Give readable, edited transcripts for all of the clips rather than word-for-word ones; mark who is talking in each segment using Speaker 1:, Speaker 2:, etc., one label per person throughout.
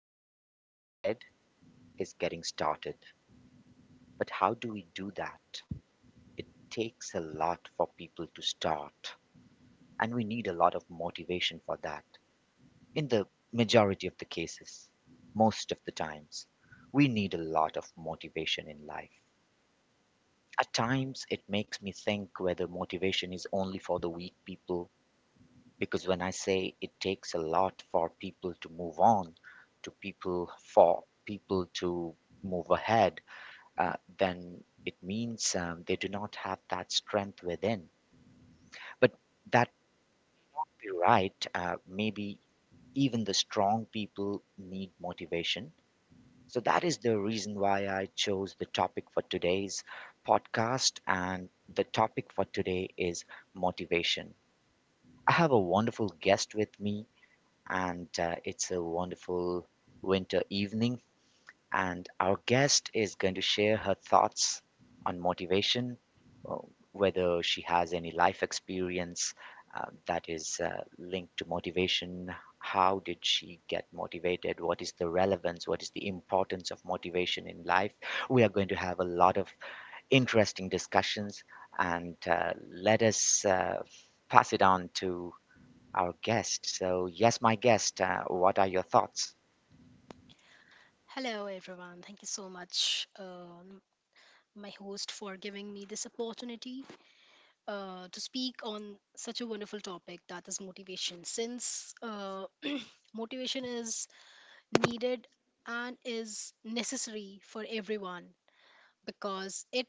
Speaker 1: of getting ahead is getting started. But how do we do that? It takes a lot for people to start, and we need a lot of motivation for that. In the majority of the cases, most of the times, we need a lot of motivation in life. At times, it makes me think whether motivation is only for the weak people, because when I say it takes a lot for people to move on, to people, for people to move ahead, then it means they do not have that strength within. But that be right. Maybe even the strong people need motivation. So that is the reason why I chose the topic for today's podcast. And the topic for today is motivation. I have a wonderful guest with me, and it's a wonderful winter evening and our guest is going to share her thoughts on motivation, uh, whether she has any life experience that is linked to motivation. How did she get motivated? What is the relevance? What is the importance of motivation in life? We are going to have a lot of interesting discussions, and let us pass it on to our guest. So, yes, my guest, what are your thoughts?
Speaker 2: Hello, everyone. Thank you so much, my host, for giving me this opportunity to speak on such a wonderful topic that is motivation. Since Motivation is needed and is necessary for everyone because it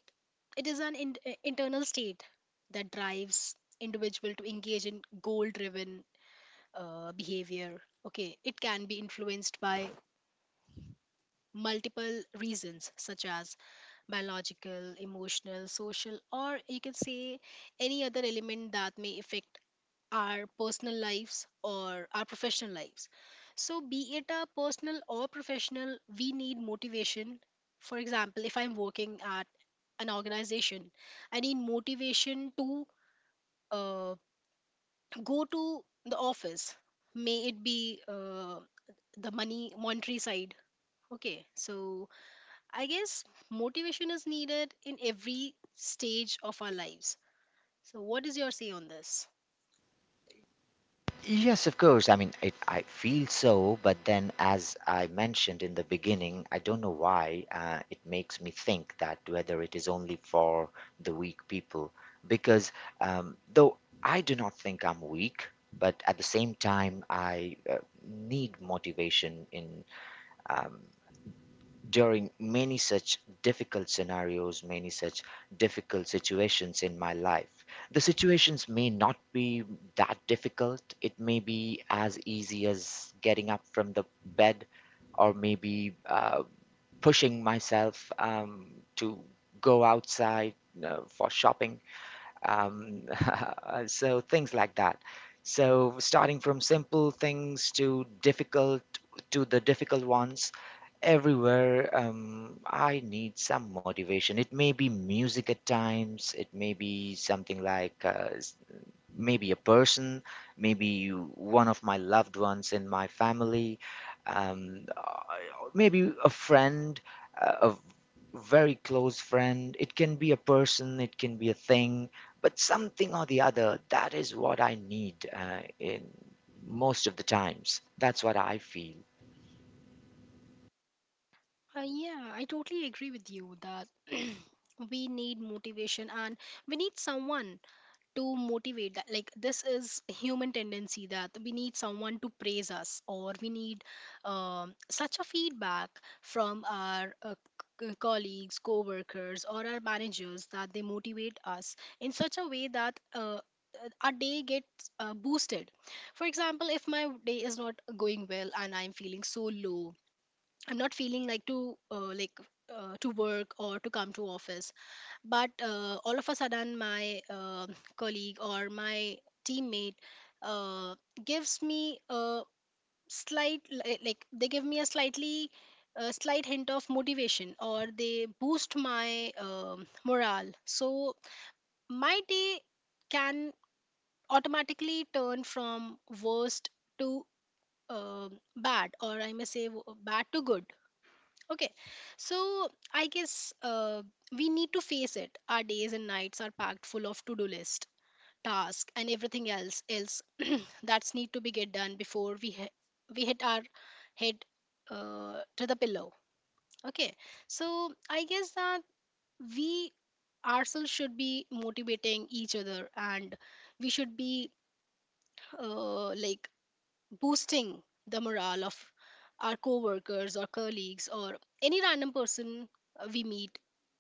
Speaker 2: it is an internal state that drives individual to engage in goal-driven behavior. Okay, it can be influenced by multiple reasons such as biological, emotional, social, or you can say any other element that may affect our personal lives or our professional lives. So, be it a personal or professional, we need motivation. For example, if I'm working at an organization, I need motivation to uh, go to the office. May it be the money monetary side. Okay, so I guess motivation is needed in every stage of our lives. So, what is your say on this?
Speaker 1: Yes, of course. I mean, it, I feel so, but then, as I mentioned in the beginning, I don't know why it makes me think that whether it is only for the weak people. Because though I do not think I'm weak, but at the same time, I need motivation in um, during many such difficult scenarios, many such difficult situations in my life, the situations may not be that difficult. It may be as easy as getting up from the bed or maybe pushing myself to go outside for shopping. Um, so, things like that. So, starting from simple things to difficult to the difficult ones everywhere I need some motivation. It may be music at times, it may be something like maybe a person, maybe one of my loved ones in my family, um, uh, maybe a friend, uh, a v- very close friend. It can be a person, it can be a thing, but something or the other, that is what I need in most of the times. That's what I feel.
Speaker 2: Yeah, I totally agree with you that we need motivation and we need someone to motivate that, like, this is a human tendency that we need someone to praise us, or we need such a feedback from our colleagues, co-workers, or our managers, that they motivate us in such a way that our day gets boosted. For example, if my day is not going well and I'm feeling so low, I'm not feeling like to work or to come to office, but all of a sudden my colleague or my teammate uh, gives me a like, they give me a slightly a slight hint of motivation, or they boost my morale, so my day can automatically turn from worst to bad, or I may say, bad to good. Okay, so I guess we need to face it. Our days and nights are packed full of to-do list, task, and everything else that's need to be get done before we hit our head to the pillow. Okay, so I guess that we ourselves should be motivating each other, and we should be like boosting the morale of our coworkers or colleagues or any random person we meet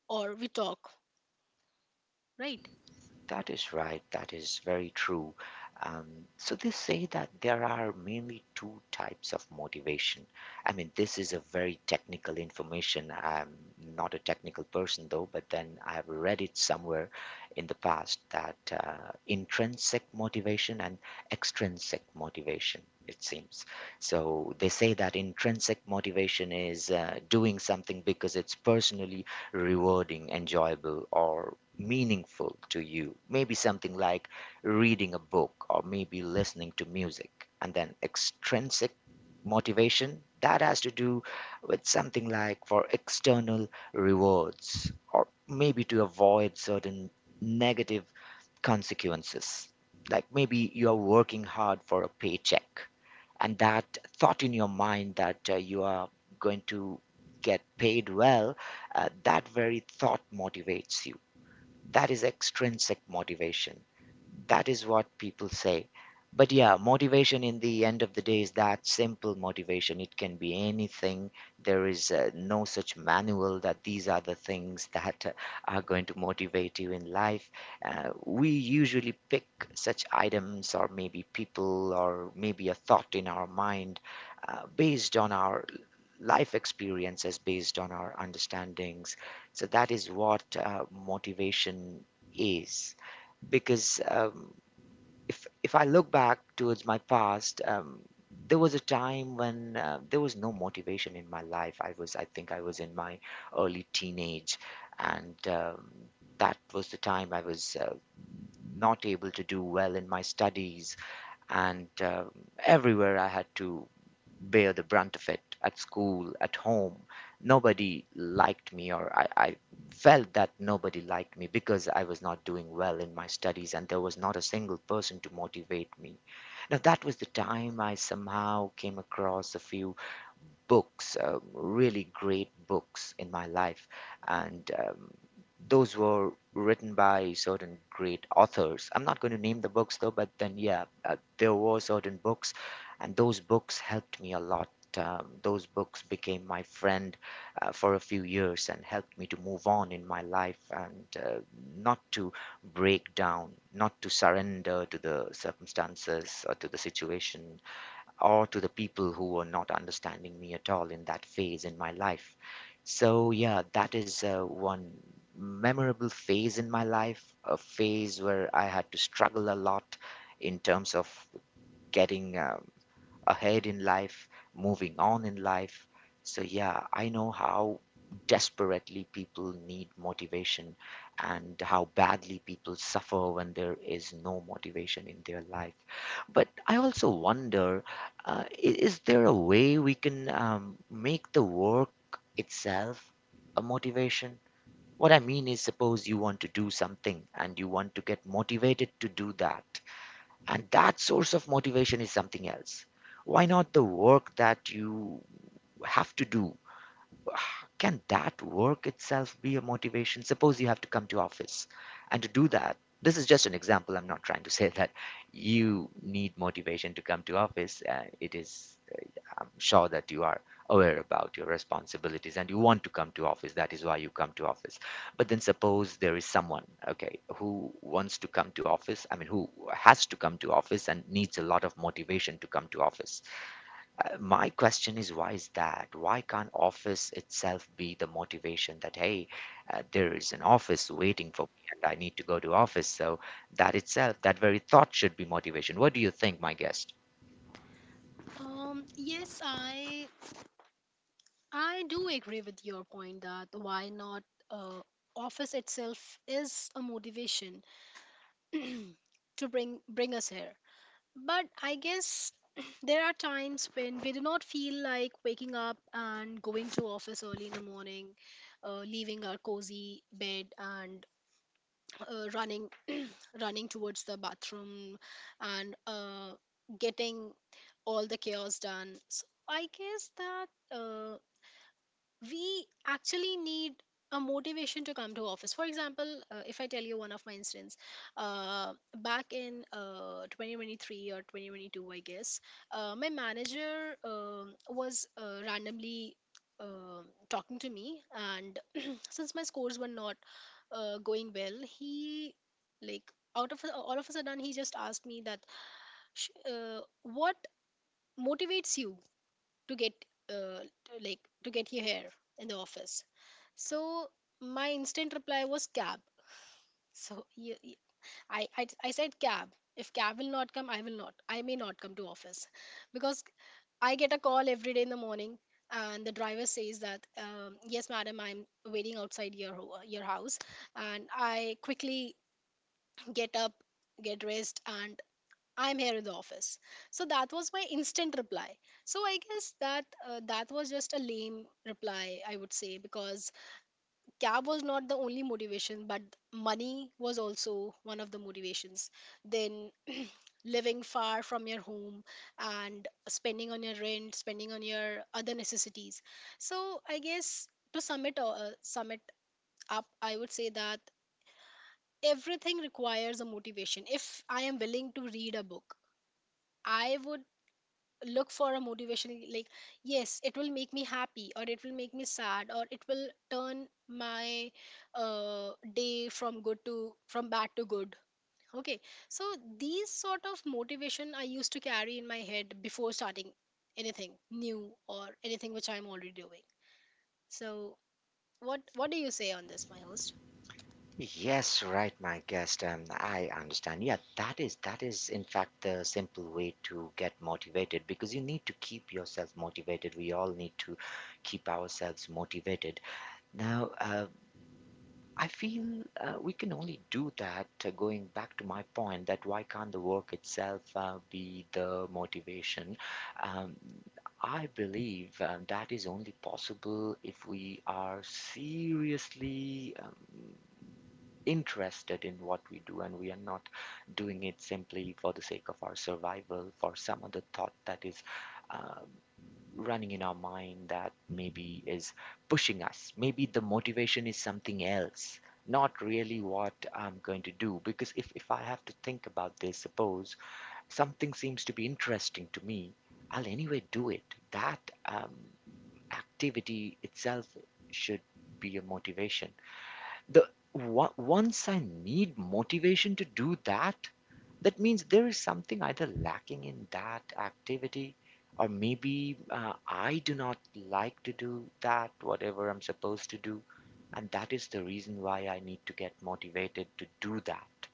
Speaker 2: or we talk, right?
Speaker 1: That is right. That is very true. Um, so they say that there are mainly two types of motivation. I mean, this is a very technical information. I'm not a technical person though, but then I've read it somewhere in the past that intrinsic motivation and extrinsic motivation, it seems. So they say that intrinsic motivation is doing something because it's personally rewarding, enjoyable, or meaningful to you. Maybe something like reading a book or maybe listening to music. And then extrinsic motivation, that has to do with something like for external rewards or maybe to avoid certain negative consequences. Like maybe you are working hard for a paycheck and that thought in your mind that you are going to get paid well, that very thought motivates you. That is extrinsic motivation. That is what people say. But yeah, motivation in the end of the day is that simple motivation. It can be anything. There is no such manual that these are the things that are going to motivate you in life. We usually pick such items or maybe people or maybe a thought in our mind based on our life experiences, based on our understandings. So that is what motivation is. Because if I look back towards my past, there was a time when there was no motivation in my life. I was, I think, I was in my early teenage, and that was the time I was not able to do well in my studies, and um, everywhere I had to bear the brunt of it at school, at home. Nobody liked me, or I felt that nobody liked me because I was not doing well in my studies and there was not a single person to motivate me. Now, that was the time I somehow came across a few books, really great books in my life, and those were written by certain great authors. I'm not going to name the books though, but then yeah, there were certain books, and those books helped me a lot. Those books became my friend for a few years and helped me to move on in my life and not to break down, not to surrender to the circumstances or to the situation or to the people who were not understanding me at all in that phase in my life. So, yeah, that is one memorable phase in my life, a phase where I had to struggle a lot in terms of getting ahead in life, moving on in life. So, yeah, I know how desperately people need motivation and how badly people suffer when there is no motivation in their life. But I also wonder is there a way we can make the work itself a motivation? What I mean is, suppose you want to do something and you want to get motivated to do that. And that source of motivation is something else. Why not the work that you have to do? Can that work itself be a motivation? Suppose you have to come to office and to do that. This is just an example. I'm not trying to say that you need motivation to come to office. It is I'm sure that you are aware about your responsibilities and you want to come to office. That is why you come to office. But then suppose there is someone, okay, who wants to come to office. I mean, who has to come to office and needs a lot of motivation to come to office. My question is, why is that? Why can't office itself be the motivation that, hey, there is an office waiting for me and I need to go to office. So that itself, that very thought should be motivation. What do you think, my guest?
Speaker 2: Yes, I do agree with your point that why not uh, office itself is a motivation to bring us here, but I guess there are times when we do not feel like waking up and going to office early in the morning, leaving our cozy bed and running running towards the bathroom, and getting all the chaos done. So I guess that uh, we actually need a motivation to come to office. For example, if I tell you one of my incidents, uh, back in 2023 or 2022, I guess, my manager was randomly talking to me, and since my scores were not going well, he, like, out of all of a sudden, he just asked me that, what motivates you to get uh, to, like, to get your hair in the office?" So my instant reply was cab. So I said cab. If cab will not come, I may not come to office, because I get a call every day in the morning, and the driver says that, "Yes, madam, I'm waiting outside your your house," and I quickly get up, get dressed, and I'm here in the office. So that was my instant reply. So I guess that that was just a lame reply, I would say, because cab was not the only motivation, but money was also one of the motivations. Then living far from your home and spending on your rent, spending on your other necessities. So I guess, to sum it, all, sum it up, I would say that everything requires a motivation. If I am willing to read a book, I would look for a motivation, like, yes, it will make me happy, or it will make me sad, or it will turn my uh, day from good to, from bad to good. Okay, so these sort of motivation I used to carry in my head before starting anything new or anything which I'm already doing. So what do you say on this, my host?
Speaker 1: Yes, right, my guest. I understand. Yeah, that is in fact the simple way to get motivated because you need to keep yourself motivated. We all need to keep ourselves motivated. Now, I feel we can only do that. Going back to my point, that why can't the work itself be the motivation? Um, I believe that is only possible if we are seriously. Interested in what we do and we are not doing it simply for the sake of our survival for some other thought that is uh, running in our mind, that maybe is pushing us, maybe the motivation is something else, not really what I'm going to do. Because if I have to think about this, suppose something seems to be interesting to me, I'll anyway do it. That activity itself should be a motivation. Once I need motivation to do that, that means there is something either lacking in that activity, or maybe I do not like to do that, whatever I'm supposed to do. And that is the reason why I need to get motivated to do that.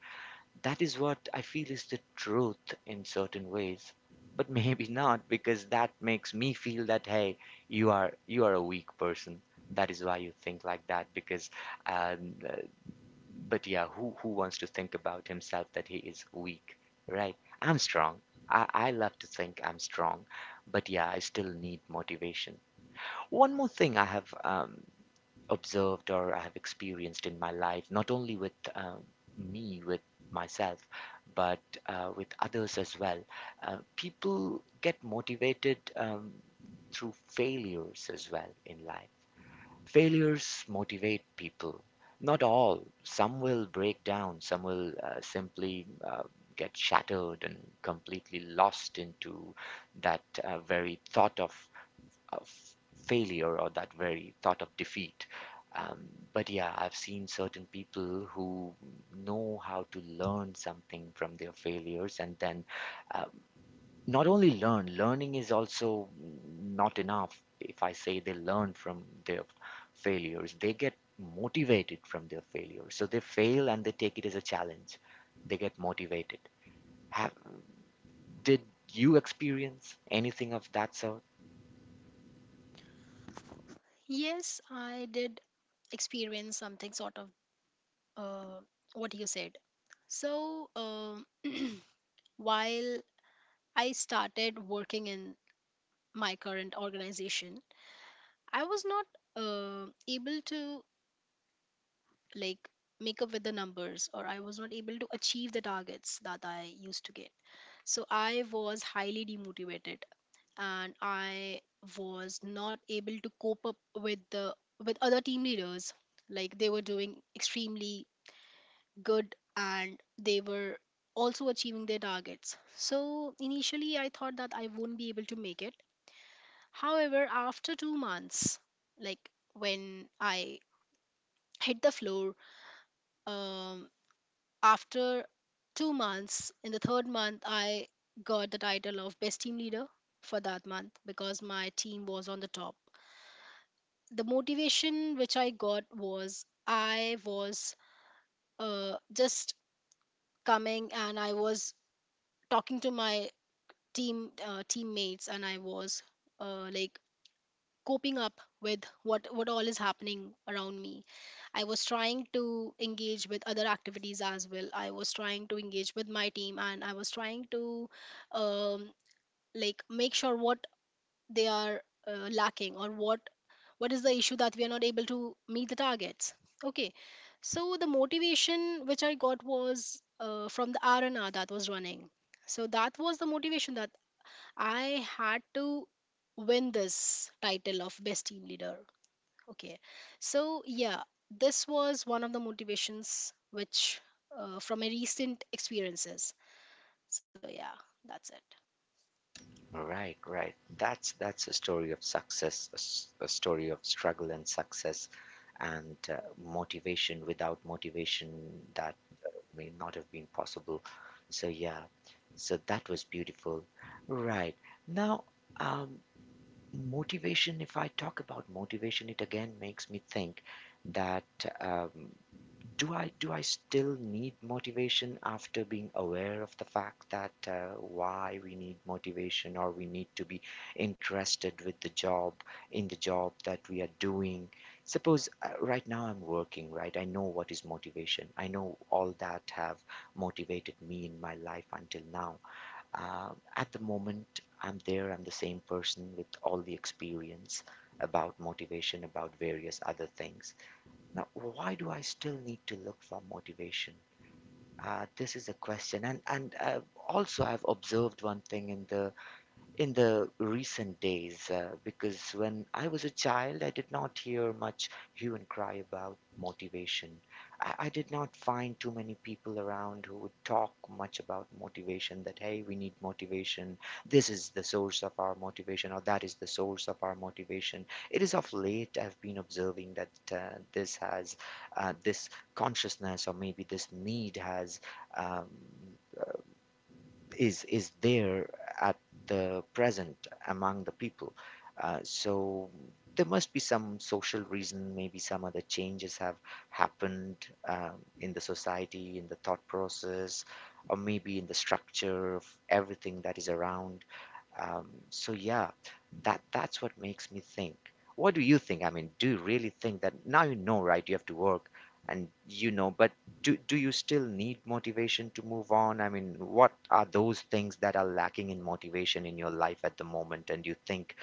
Speaker 1: That is what I feel is the truth in certain ways. But maybe not, because that makes me feel that hey, you are a weak person. That is why you think like that. Because um, uh, but yeah, who wants to think about himself that he is weak, right? I'm strong. I love to think I'm strong, but yeah, I still need motivation. One more thing I have observed or I have experienced in my life, not only with me, with myself, but with others as well. People get motivated through failures as well in life. Failures motivate people. Not all. Some will break down, some will simply get shattered and completely lost into that very thought of failure or that very thought of defeat. But yeah, I've seen certain people who know how to learn something from their failures and then uh, not only learn, learning is also not enough if I say they learn from their failures, they get motivated from their failures. So they fail and they take it as a challenge, they get motivated. Have did you experience anything of that sort?
Speaker 2: Yes, I did experience something sort of uh, what you said. So, while I started working in my current organization, I was not able to, like, make up with the numbers, or I was not able to achieve the targets that I used to get. So, I was highly demotivated, and I was not able to cope up with the, with other team leaders, like, they were doing extremely good and they were also achieving their targets. So initially, I thought that I wouldn't be able to make it. However, after 2 months, like, when I hit the floor, um, after 2 months, in the third month, I got the title of best team leader for that month because my team was on the top. The motivation which I got was, I was just coming and I was talking to my teammates, and I was like, coping up with what all is happening around me. I was trying to engage with other activities as well, I was trying to engage with my team, and I was trying to um, like, make sure what they are lacking, or what is the issue that we are not able to meet the targets. Okay, so the motivation which I got was from the r&r that was running. So that was the motivation, that I had to win this title of best team leader. Okay. So, yeah, this was one of the motivations which from my recent experiences. So, yeah, that's it.
Speaker 1: Right, right, that's a story of success, a story of struggle and success, and motivation. Without motivation that may not have been possible. So yeah, so that was beautiful. Right. Now, um, motivation, if I talk about motivation, it again makes me think that um, do I still need motivation after being aware of the fact that why we need motivation or we need to be interested with the job in the job that we are doing? Suppose right now I'm working, right? I know what is motivation. I know all that have motivated me in my life until now. Uh, at the moment, I'm there. I'm the same person with all the experience about motivation, about various other things now, why do I still need to look for motivation? This is a question, and also I've observed one thing in the recent days because when I was a child, I did not hear much hue and cry about motivation. I did not find too many people around who would talk much about motivation that, hey, we need motivation. This is the source of our motivation, or that is the source of our motivation. It is of late I've been observing that this consciousness, or maybe this need has. Um, is there at the present among the people. So there must be some social reason, maybe some other changes have happened um, in the society, in the thought process, or maybe in the structure of everything that is around. So yeah, that's what makes me think. What do you think? I mean, do you really think that now, you know, right? You have to work, and, you know, but do you still need motivation to move on? I mean, what are those things that are lacking in motivation in your life at the moment, and you think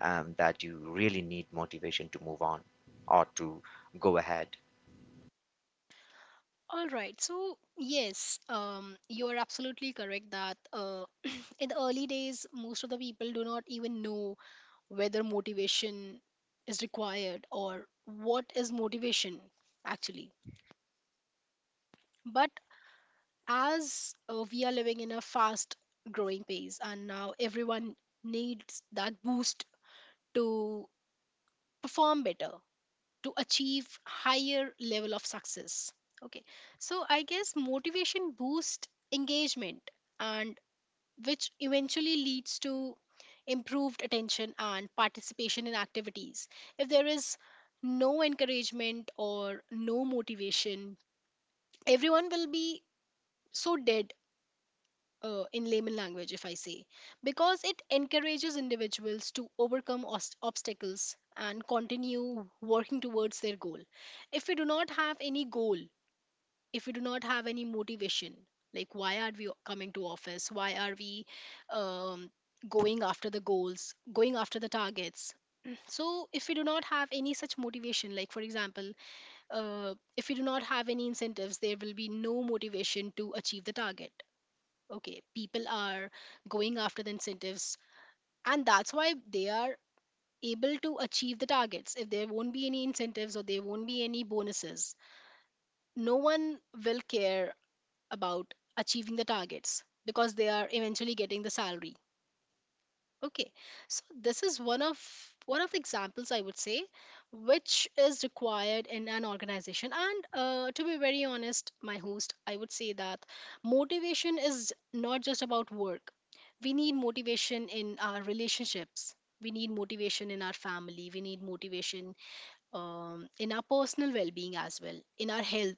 Speaker 1: that you really need motivation to move on or to go ahead?
Speaker 2: All right. So, yes, you are absolutely correct that in the early days, most of the people do not even know whether motivation is required or what is motivation actually. But as we are living in a fast growing pace and now everyone needs that boost to perform better, to achieve higher level of success. Okay, so I guess motivation boosts engagement, and which eventually leads to improved attention and participation in activities. If there is no encouragement or no motivation, everyone will be so dead, in layman language, if I say, because it encourages individuals to overcome obstacles and continue working towards their goal. If we do not have any goal, if we do not have any motivation, like, why are we coming to office? Why are we um, going after the goals, going after the targets? So, if we do not have any such motivation, like, for example, if we do not have any incentives, there will be no motivation to achieve the target. Okay, people are going after the incentives, and that's why they are able to achieve the targets. If there won't be any incentives, or there won't be any bonuses, no one will care about achieving the targets, because they are eventually getting the salary. Okay, so this is one of the examples I would say, which is required in an organization. And to be very honest, my host, I would say that motivation is not just about work. We need motivation in our relationships. We need motivation in our family. We need motivation in our personal well-being, as well in our health.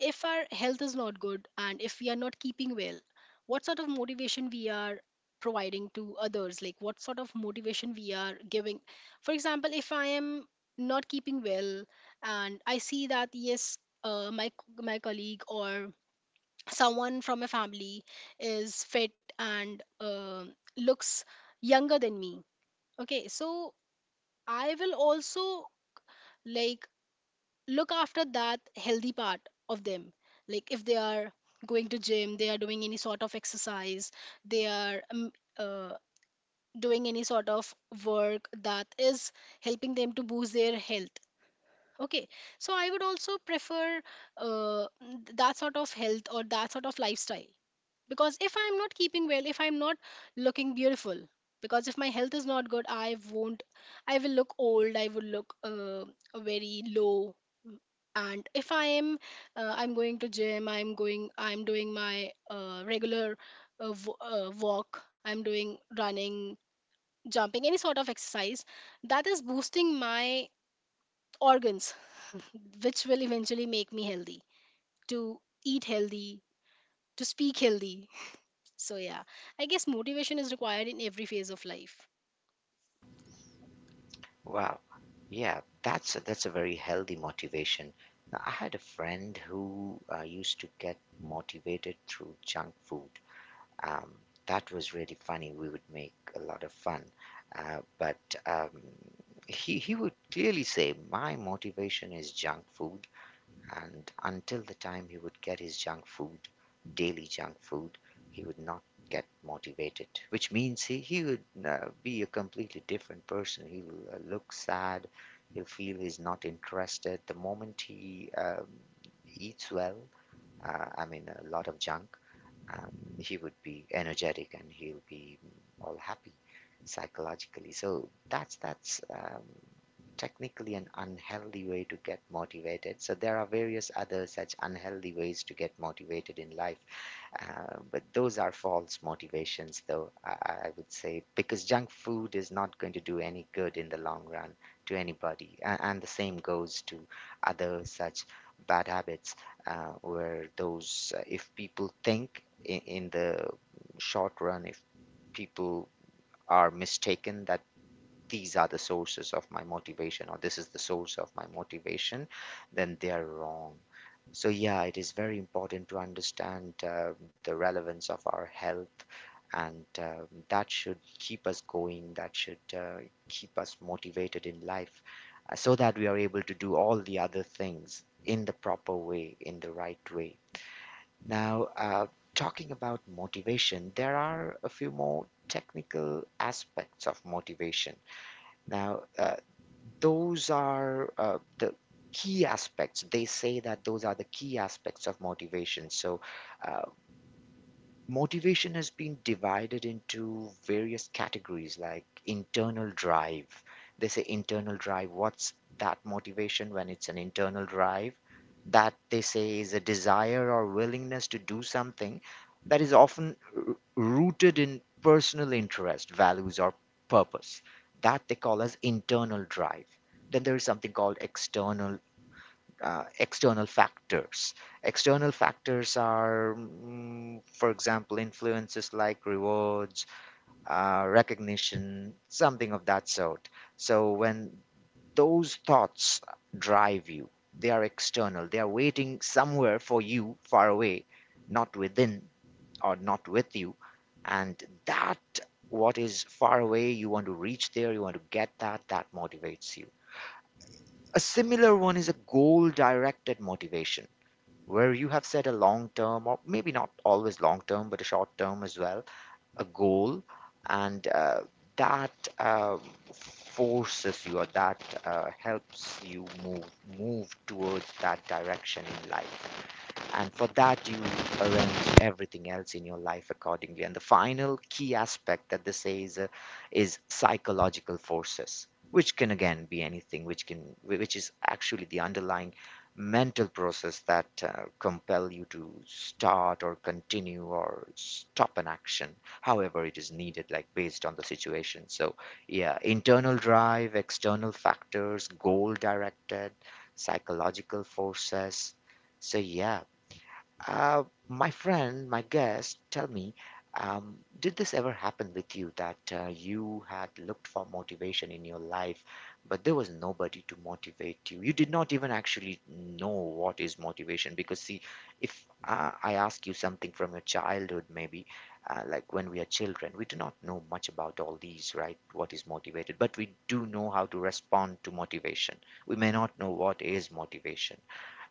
Speaker 2: If our health is not good and if we are not keeping well, what sort of motivation we are providing to others, like, what sort of motivation we are giving? For example, if I am not keeping well, and I see that, yes, my, my colleague or someone from my family is fit and looks younger than me. Okay, so I will also, like, look after that healthy part of them, like, if they are going to gym, they are doing any sort of exercise, they are uh, doing any sort of work that is helping them to boost their health. Okay, so I would also prefer uh, that sort of health or that sort of lifestyle, because if I'm not keeping well, if I'm not looking beautiful, because if my health is not good, I won't I will look old, I will look very low. And if I am I'm going to gym, I'm doing my regular walk, I'm doing running, jumping, any sort of exercise that is boosting my organs, which will eventually make me healthy, to eat healthy, to speak healthy. So, yeah, I guess motivation is required in every phase of life.
Speaker 1: Wow, yeah, that's a very healthy motivation. Now, I had a friend who used to get motivated through junk food. Um, that was really funny. We would make a lot of fun. But he would clearly say, my motivation is junk food. And until the time he would get his junk food, daily junk food, he would not get motivated, which means he would be a completely different person. He'll look sad, he'll feel he's not interested. The moment he eats well, I mean, a lot of junk, um, he would be energetic and he'll be all happy psychologically. So that's technically an unhealthy way to get motivated. So there are various other such unhealthy ways to get motivated in life. But those are false motivations, though, I would say, because junk food is not going to do any good in the long run to anybody. And the same goes to other such bad habits, where those, if people think in the short run, if people are mistaken that these are the sources of my motivation or this is the source of my motivation, then they are wrong. So, yeah, it is very important to understand the relevance of our health, and that should keep us going, that should keep us motivated in life so that we are able to do all the other things in the proper way, in the right way. Now, talking about motivation, there are a few more technical aspects of motivation now, those are the key aspects. They say that those are the key aspects of motivation. So, uh, motivation has been divided into various categories like internal drive. They say internal drive, what's that motivation when it's an internal drive? That they say is a desire or willingness to do something that is often rooted in personal interest, values, or purpose. That they call as internal drive. Then there is something called external factors. External factors are, mm, for example, influences like rewards, recognition, something of that sort. So when those thoughts drive you, they are external, they are waiting somewhere for you far away, not within or not with you. And that what is far away, you want to reach there, you want to get that, that motivates you. A similar one is a goal directed motivation where you have set a long term, or maybe not always long term, but a short term as well, a goal, and that uh, forces you or that helps you move towards that direction in life. And for that, you arrange everything else in your life accordingly. And the final key aspect that this says is psychological forces, which can again be anything, which can, which is actually the underlying mental process that compel you to start or continue or stop an action, however it is needed, like based on the situation. So, yeah, internal drive, external factors, goal directed, psychological forces. So yeah, my friend, my guest, tell me, did this ever happen with you that you had looked for motivation in your life, but there was nobody to motivate you? You did not even actually know what is motivation because, see, if I ask you something from your childhood, maybe like when we are children, we do not know much about all these, right? What is motivated, but we do know how to respond to motivation. We may not know what is motivation,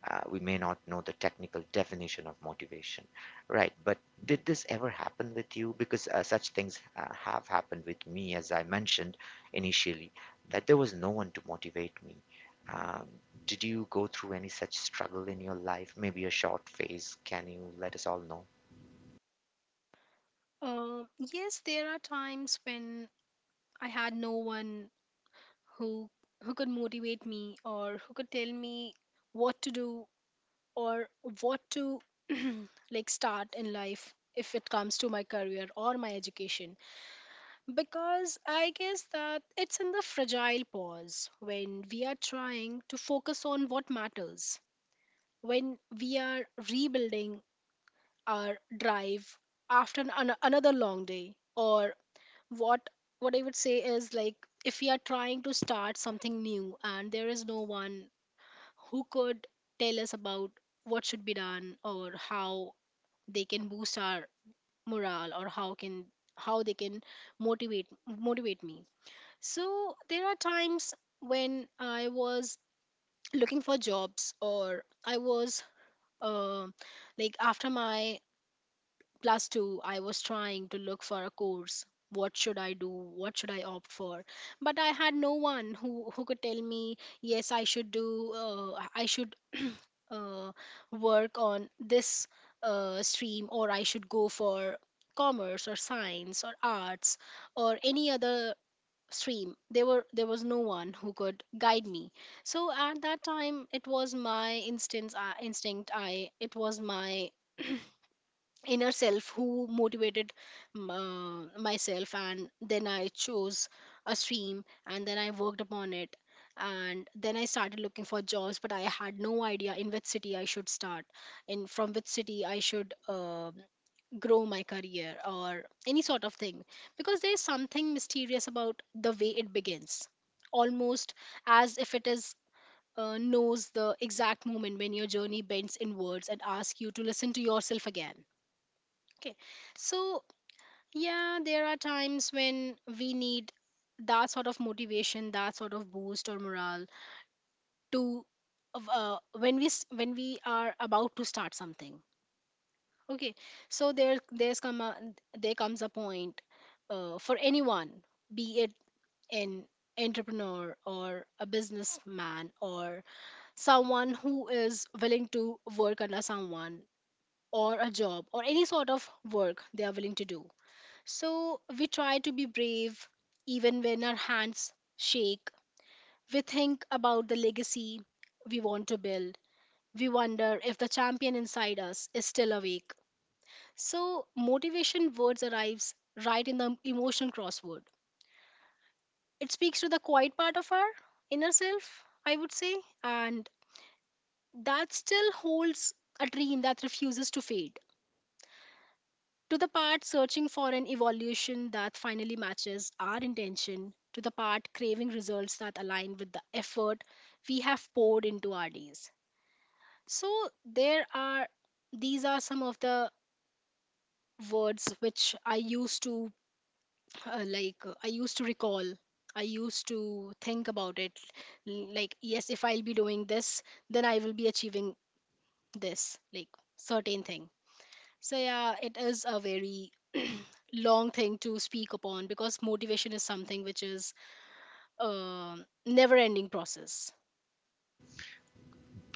Speaker 1: we may not know the technical definition of motivation, right? But did this ever happen with you? Because such things have happened with me, as I mentioned initially, that there was no one to motivate me. Um, did you go through any such struggle in your life? Maybe a short phase? Can you let us all know?
Speaker 2: Uh, yes, there are times when I had no one who who could motivate me or who could tell me what to do or what to like start in life if it comes to my career or my education, because I guess that it's in the fragile pause when we are trying to focus on what matters, when we are rebuilding hour drive after another long day. Or what what I would say is like, if we are trying to start something new and there is no one who could tell us about what should be done or how they can boost our morale or how can how they can motivate motivate me. So there are times when I was looking for jobs, or I was uh, like after my Plus, two, I was trying to look for a course. What should I do? What should I opt for? But I had no one who could tell me, yes, I should do, I should uh, work on this stream, or I should go for commerce or science or arts or any other stream. There were there was no one who could guide me. So at that time it was my instance instinct, I it was my inner self who motivated myself, and then I chose a stream and then I worked upon it. And then I started looking for jobs, but I had no idea in which city I should start in, from which city I should grow my career or any sort of thing. Because there is something mysterious about the way it begins, almost as if it is, knows the exact moment when your journey bends inwards and asks you to listen to yourself again. Okay. So, yeah, there are times when we need that sort of motivation, that sort of boost or morale to of, when we when we are about to start something. Okay. So there comes a point, for anyone, be it an entrepreneur or a businessman or someone who is willing to work under someone, or a job or any sort of work they are willing to do. So we try to be brave even when our hands shake. We think about the legacy we want to build. We wonder if the champion inside us is still awake. So motivation words arrives right in the emotional crossword. It speaks to the quiet part of our inner self, I would say, and that still holds a dream that refuses to fade, to the part searching for an evolution that finally matches our intention, to the part craving results that align with the effort we have poured into our days. So there are, these are some of the words which I used to like I used to recall. I used to think about it like, yes, if I'll be doing this then I will be achieving this, like, certain thing. So yeah, it is a very long thing to speak upon, because motivation is something which is a never-ending process.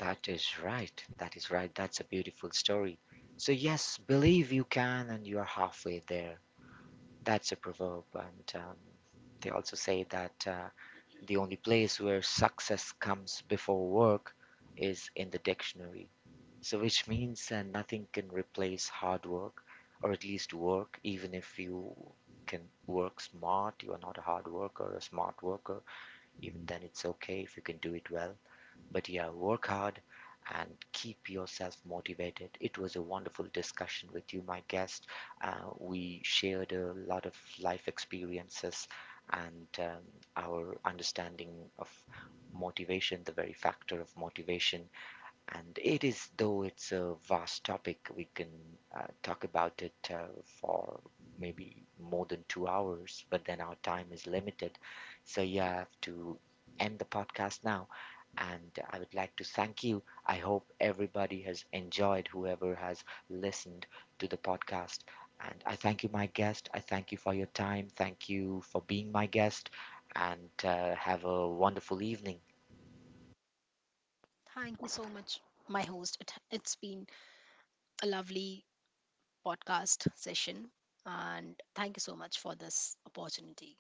Speaker 1: That is right. That is right. That's a beautiful story. So, yes, believe you can and you are halfway there. That's a proverb. And they also say that the only place where success comes before work is in the dictionary. So, which means that nothing can replace hard work, or at least work, even if you can work smart, you are not a hard worker, a smart worker, even then it's okay if you can do it well. But yeah, work hard and keep yourself motivated. It was a wonderful discussion with you, my guest. We shared a lot of life experiences and our understanding of motivation, the very factor of motivation, and it is, though it's a vast topic, we can talk about it for maybe more than 2 hours, but then our time is limited. So you have to end the podcast now. And I would like to thank you. I hope everybody has enjoyed whoever has listened to the podcast. And I thank you, my guest. I thank you for your time. Thank you for being my guest. And have a wonderful evening.
Speaker 2: Thank you so much, my host. It's been a lovely podcast session, and thank you so much for this opportunity.